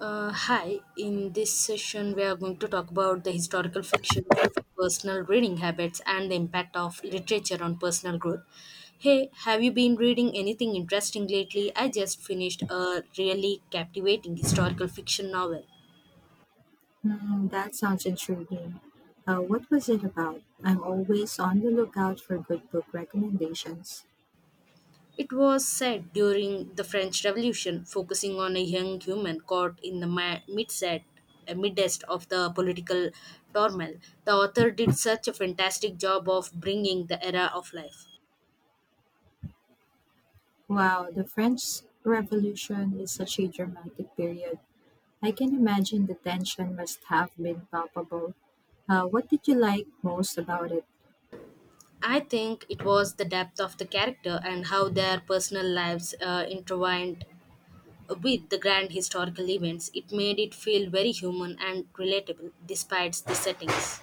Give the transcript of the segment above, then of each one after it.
Hi, in this session, we are going to talk about the historical fictions, personal reading habits, and the impact of literature on personal growth. Hey, have you been reading anything interesting lately? I just finished a really captivating historical fiction novel. Mm, that sounds intriguing. What was it about? I'm always on the lookout for good book recommendations. It was set during the French Revolution, focusing on a young human caught in the midset midst of the political turmoil. The author did such a fantastic job of bringing the era of life. Wow, the French Revolution is such a dramatic period. I can imagine the tension must have been palpable. What did you like most about it? I think it was the depth of the character and how their personal lives intertwined with the grand historical events. It made it feel very human and relatable despite the settings.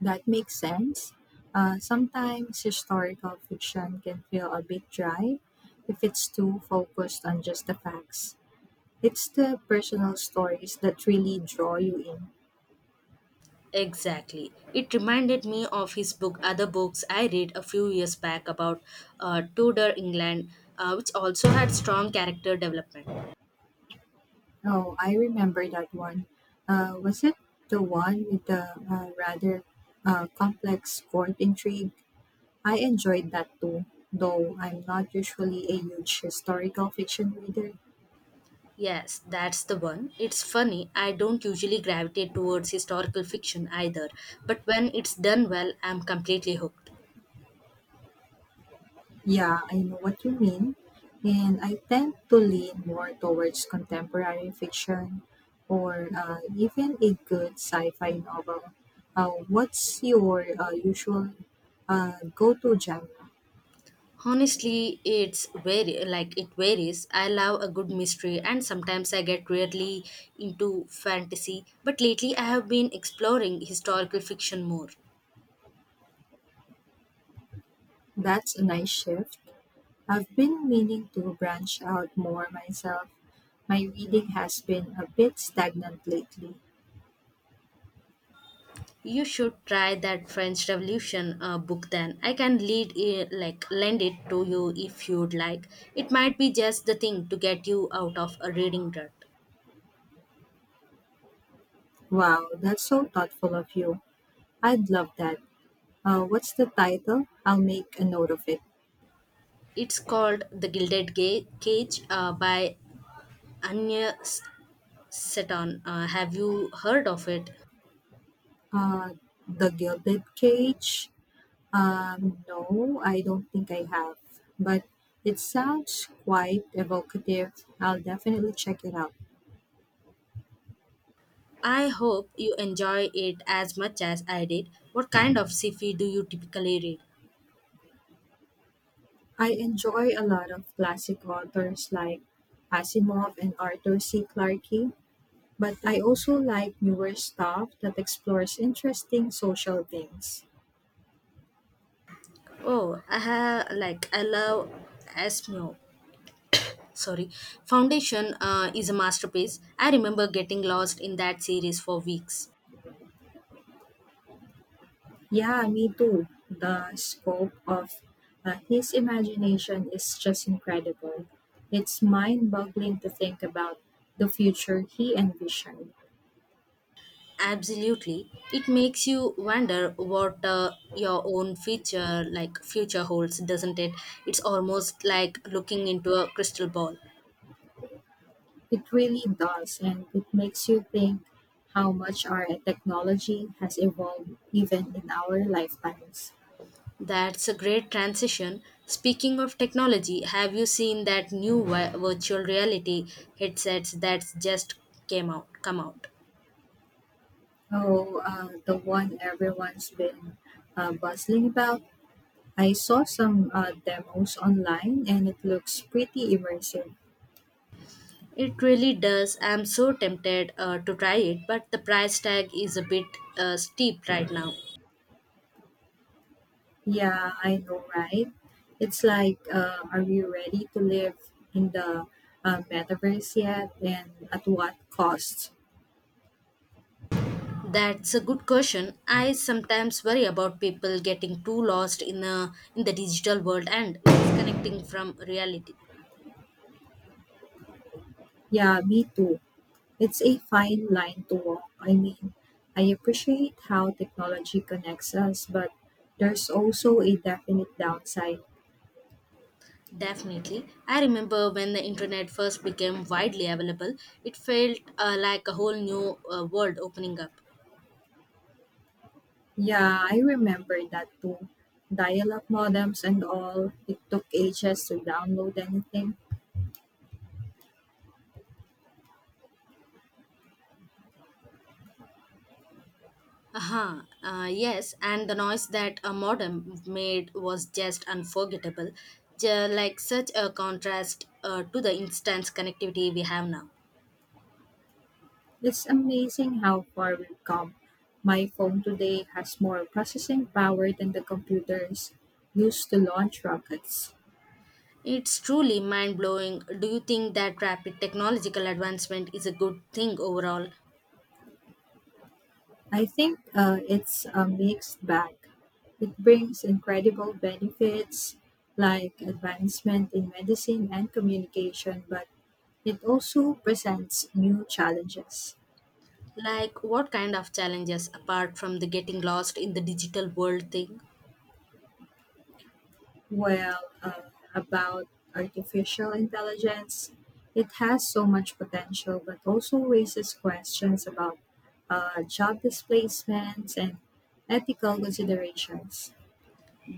That makes sense. Sometimes historical fiction can feel a bit dry if it's too focused on just the facts. It's the personal stories that really draw you in. Exactly. It reminded me of other books I read a few years back about Tudor England, which also had strong character development. Oh, I remember that one. Was it the one with the rather complex court intrigue? I enjoyed that too, though I'm not usually a huge historical fiction reader. Yes, that's the one. It's funny, I don't usually gravitate towards historical fiction either, but when it's done well, I'm completely hooked. Yeah, I know what you mean, and I tend to lean more towards contemporary fiction or even a good sci-fi novel. What's your usual go-to genre? Honestly, it's very like it varies. I love a good mystery and sometimes I get really into fantasy, but lately I have been exploring historical fiction more. That's a nice shift. I've been meaning to branch out more myself. My reading has been a bit stagnant lately. You should try that French Revolution book then. I can lead it, like lend it to you if you'd like. It might be just the thing to get you out of a reading rut. Wow, that's so thoughtful of you. I'd love that. What's the title? I'll make a note of it. It's called The Gilded Cage by Anya S- Seton. Have you heard of it? Uh, The Gilded Cage? No, I don't think I have. But it sounds quite evocative. I'll definitely check it out. I hope you enjoy it as much as I did. What kind of sci-fi do you typically read? I enjoy a lot of classic authors like Asimov and Arthur C. Clarke. But I also like newer stuff that explores interesting social themes. Oh, I have like I love Asmo. Sorry, Foundation is a masterpiece. I remember getting lost in that series for weeks. Yeah, me too. The scope of his imagination is just incredible. It's mind boggling to think about the future he envisioned. Absolutely, it makes you wonder what your own future like future holds, doesn't it? It's almost like looking into a crystal ball. It really does, and it makes you think how much our technology has evolved even in our lifetimes. That's a great transition. Speaking of technology, have you seen that new virtual reality headsets that's just came out come out? Oh, the one everyone's been bustling about. I saw some demos online and it looks pretty immersive. It really does. I'm so tempted to try it, but the price tag is a bit steep right now. Yeah, I know, right? It's like, are we ready to live in the metaverse yet and at what cost? That's a good question. I sometimes worry about people getting too lost in the digital world and disconnecting from reality. Yeah, me too. It's a fine line to walk. I mean, I appreciate how technology connects us, but there's also a definite downside. Definitely. I remember when the internet first became widely available, it felt like a whole new world opening up. Yeah, I remember that too. Dial-up modems and all. It took ages to download anything. Aha, yes, and the noise that a modem made was just unforgettable, like such a contrast to the instant connectivity we have now. It's amazing how far we've come. My phone today has more processing power than the computers used to launch rockets. It's truly mind blowing. Do you think that rapid technological advancement is a good thing overall? I think it's a mixed bag. It brings incredible benefits like advancement in medicine and communication, but it also presents new challenges. Like, what kind of challenges apart from the getting lost in the digital world thing? Well, about artificial intelligence, it has so much potential, but also raises questions about job displacements and ethical considerations.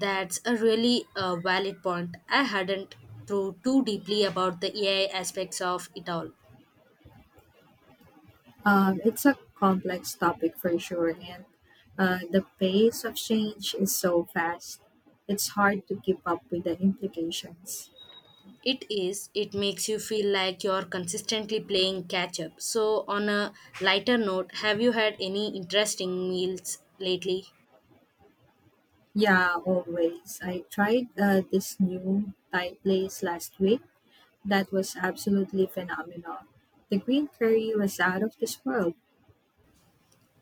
That's a really valid point. I hadn't thought too deeply about the AI aspects of it all. It's a complex topic for sure, and the pace of change is so fast, it's hard to keep up with the implications. It is, it makes you feel like you're consistently playing catch up. So, on a lighter note, have you had any interesting meals lately? Yeah, always. I tried this new Thai place last week. That was absolutely phenomenal. The green curry was out of this world.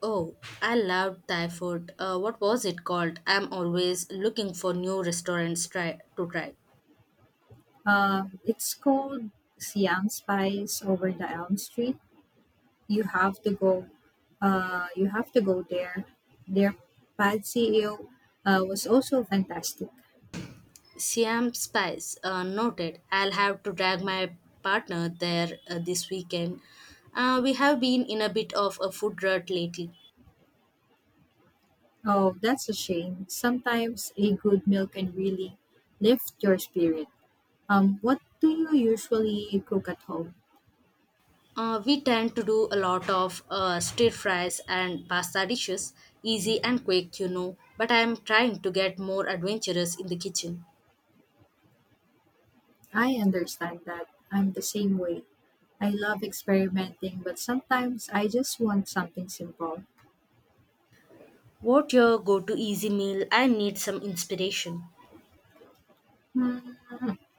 Oh, I loved Thai food. What was it called? I'm always looking for new to try. It's called Siam Spice over the Elm Street. You have to go. You have to go there. Their pad see ew was also fantastic. Siam Spice noted. I'll have to drag my partner there this weekend. We have been in a bit of a food rut lately. Oh, that's a shame. Sometimes a good meal can really lift your spirit. What do you usually cook at home? We tend to do a lot of stir fries and pasta dishes, easy and quick, you know. But I am trying to get more adventurous in the kitchen. I understand that. I'm the same way. I love experimenting, but sometimes I just want something simple. What your go-to easy meal? I need some inspiration.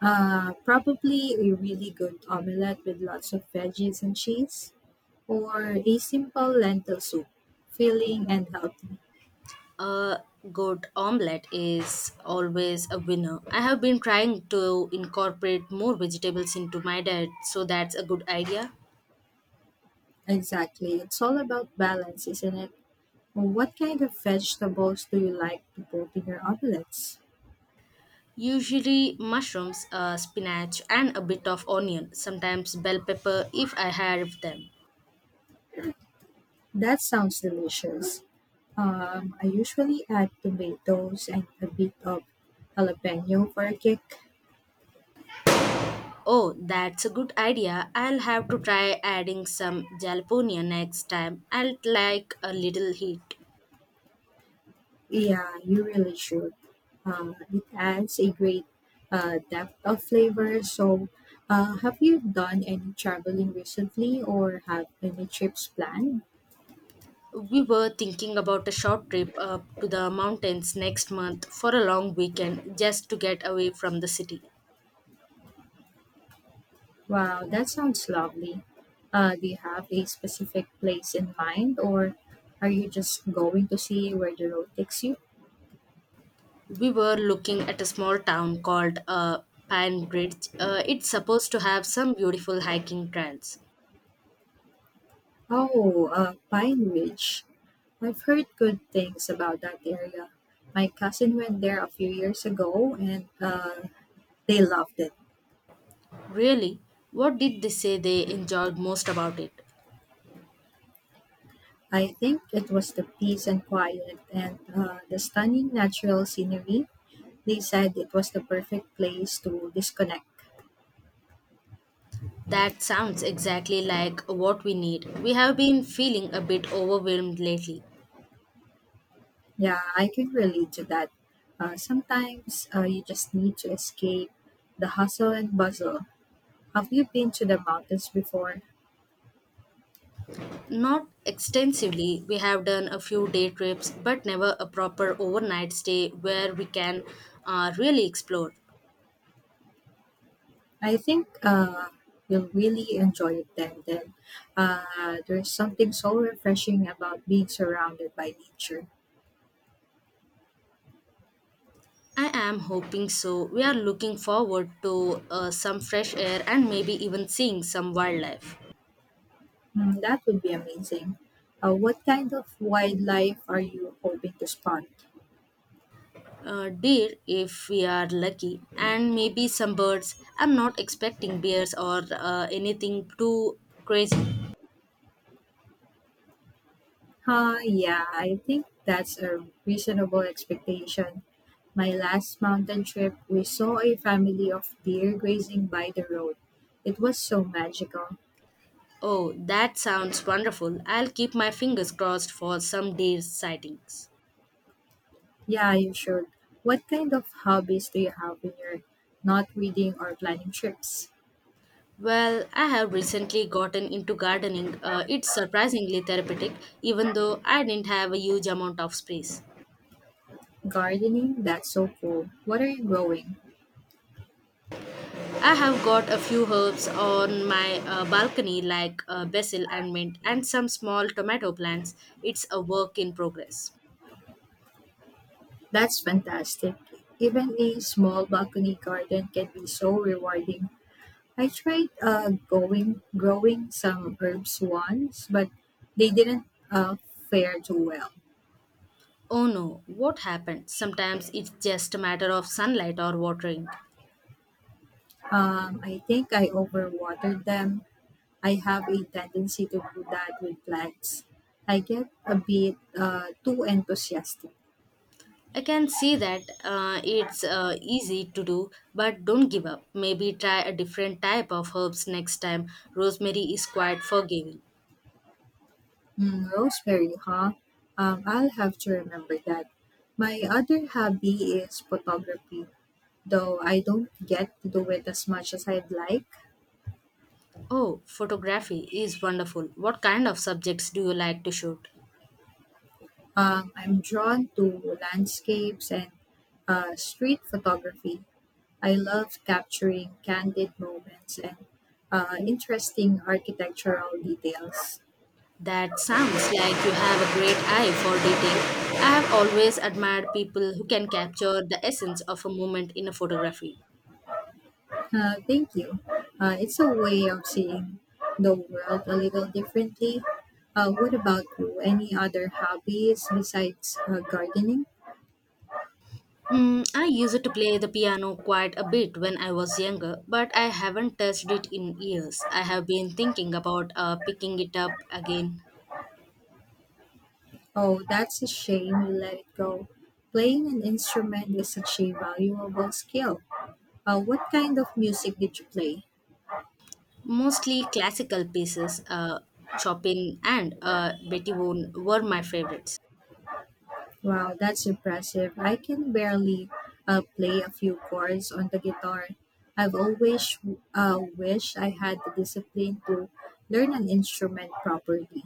Probably a really good omelette with lots of veggies and cheese, or a simple lentil soup, filling and healthy. A good omelette is always a winner. I have been trying to incorporate more vegetables into my diet, so that's a good idea. Exactly. It's all about balance, isn't it? What kind of vegetables do you like to put in your omelettes? Usually, mushrooms, spinach, and a bit of onion, sometimes bell pepper if I have them. That sounds delicious. I usually add tomatoes and a bit of jalapeno for a kick. Oh, that's a good idea. I'll have to try adding some jalapeno next time. I'll like a little heat. Yeah, you really should. It adds a great depth of flavor. So, have you done any traveling recently or have any trips planned? We were thinking about a short trip up to the mountains next month for a long weekend just to get away from the city. Wow, that sounds lovely. Do you have a specific place in mind or are you just going to see where the road takes you? We were looking at a small town called Panbridge. It's supposed to have some beautiful hiking trails. Oh, Pine Ridge. I've heard good things about that area. My cousin went there a few years ago and they loved it. Really? What did they say they enjoyed most about it? I think it was the peace and quiet and the stunning natural scenery. They said it was the perfect place to disconnect. That sounds exactly like what we need. We have been feeling a bit overwhelmed lately. Yeah, I can relate to that. Sometimes you just need to escape the hustle and bustle. Have you been to the mountains before? Not extensively. We have done a few day trips, but never a proper overnight stay where we can really explore. I think you'll really enjoy it then. Uh, there's something so refreshing about being surrounded by nature. I am hoping so. We are looking forward to some fresh air and maybe even seeing some wildlife. Mm, that would be amazing. What kind of wildlife are you hoping to spot? Deer, if we are lucky, and maybe some birds. I'm not expecting bears or anything too crazy. Yeah, I think that's a reasonable expectation. My last mountain trip, we saw a family of deer grazing by the road. It was so magical. Oh, that sounds wonderful. I'll keep my fingers crossed for some deer sightings. Yeah, you should. What kind of hobbies do you have when you're not reading or planning trips? Well, I have recently gotten into gardening. It's surprisingly therapeutic, even though I didn't have a huge amount of space. Gardening? That's so cool. What are you growing? I have got a few herbs on my balcony, like basil and mint, and some small tomato plants. It's a work in progress. That's fantastic. Even a small balcony garden can be so rewarding. I tried going growing some herbs once, but they didn't uh, fare too well. Oh no, what happened? Sometimes it's just a matter of sunlight or watering. I think I overwatered them. I have a tendency to do that with plants. I get a bit too enthusiastic. I can see that it's easy to do, but don't give up. Maybe try a different type of herbs next time. Rosemary is quite forgiving. Mm, rosemary, huh? I'll have to remember that. My other hobby is photography, though I don't get to do it as much as I'd like. Oh, photography is wonderful. What kind of subjects do you like to shoot? I'm drawn to landscapes and street photography. I love capturing candid moments and interesting architectural details. That sounds like you have a great eye for detail. I have always admired people who can capture the essence of a moment in a photography. Thank you. It's a way of seeing the world a little differently. What about you? Any other hobbies besides gardening? Mm, I used to play the piano quite a bit when I was younger, but I haven't touched it in years. I have been thinking about picking it up again. Oh, that's a shame. You let it go. Playing an instrument is such a valuable skill. What kind of music did you play? Mostly classical pieces, Chopin and Beethoven were my favorites. Wow, that's impressive. I can barely play a few chords on the guitar. I've always wished I had the discipline to learn an instrument properly.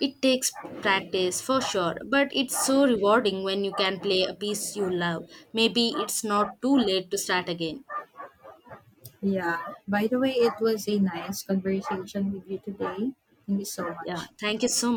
It takes practice for sure, but it's so rewarding when you can play a piece you love. Maybe it's not too late to start again. Yeah. By the way, it was a nice conversation with you today. Thank you so Yeah, much. thank you so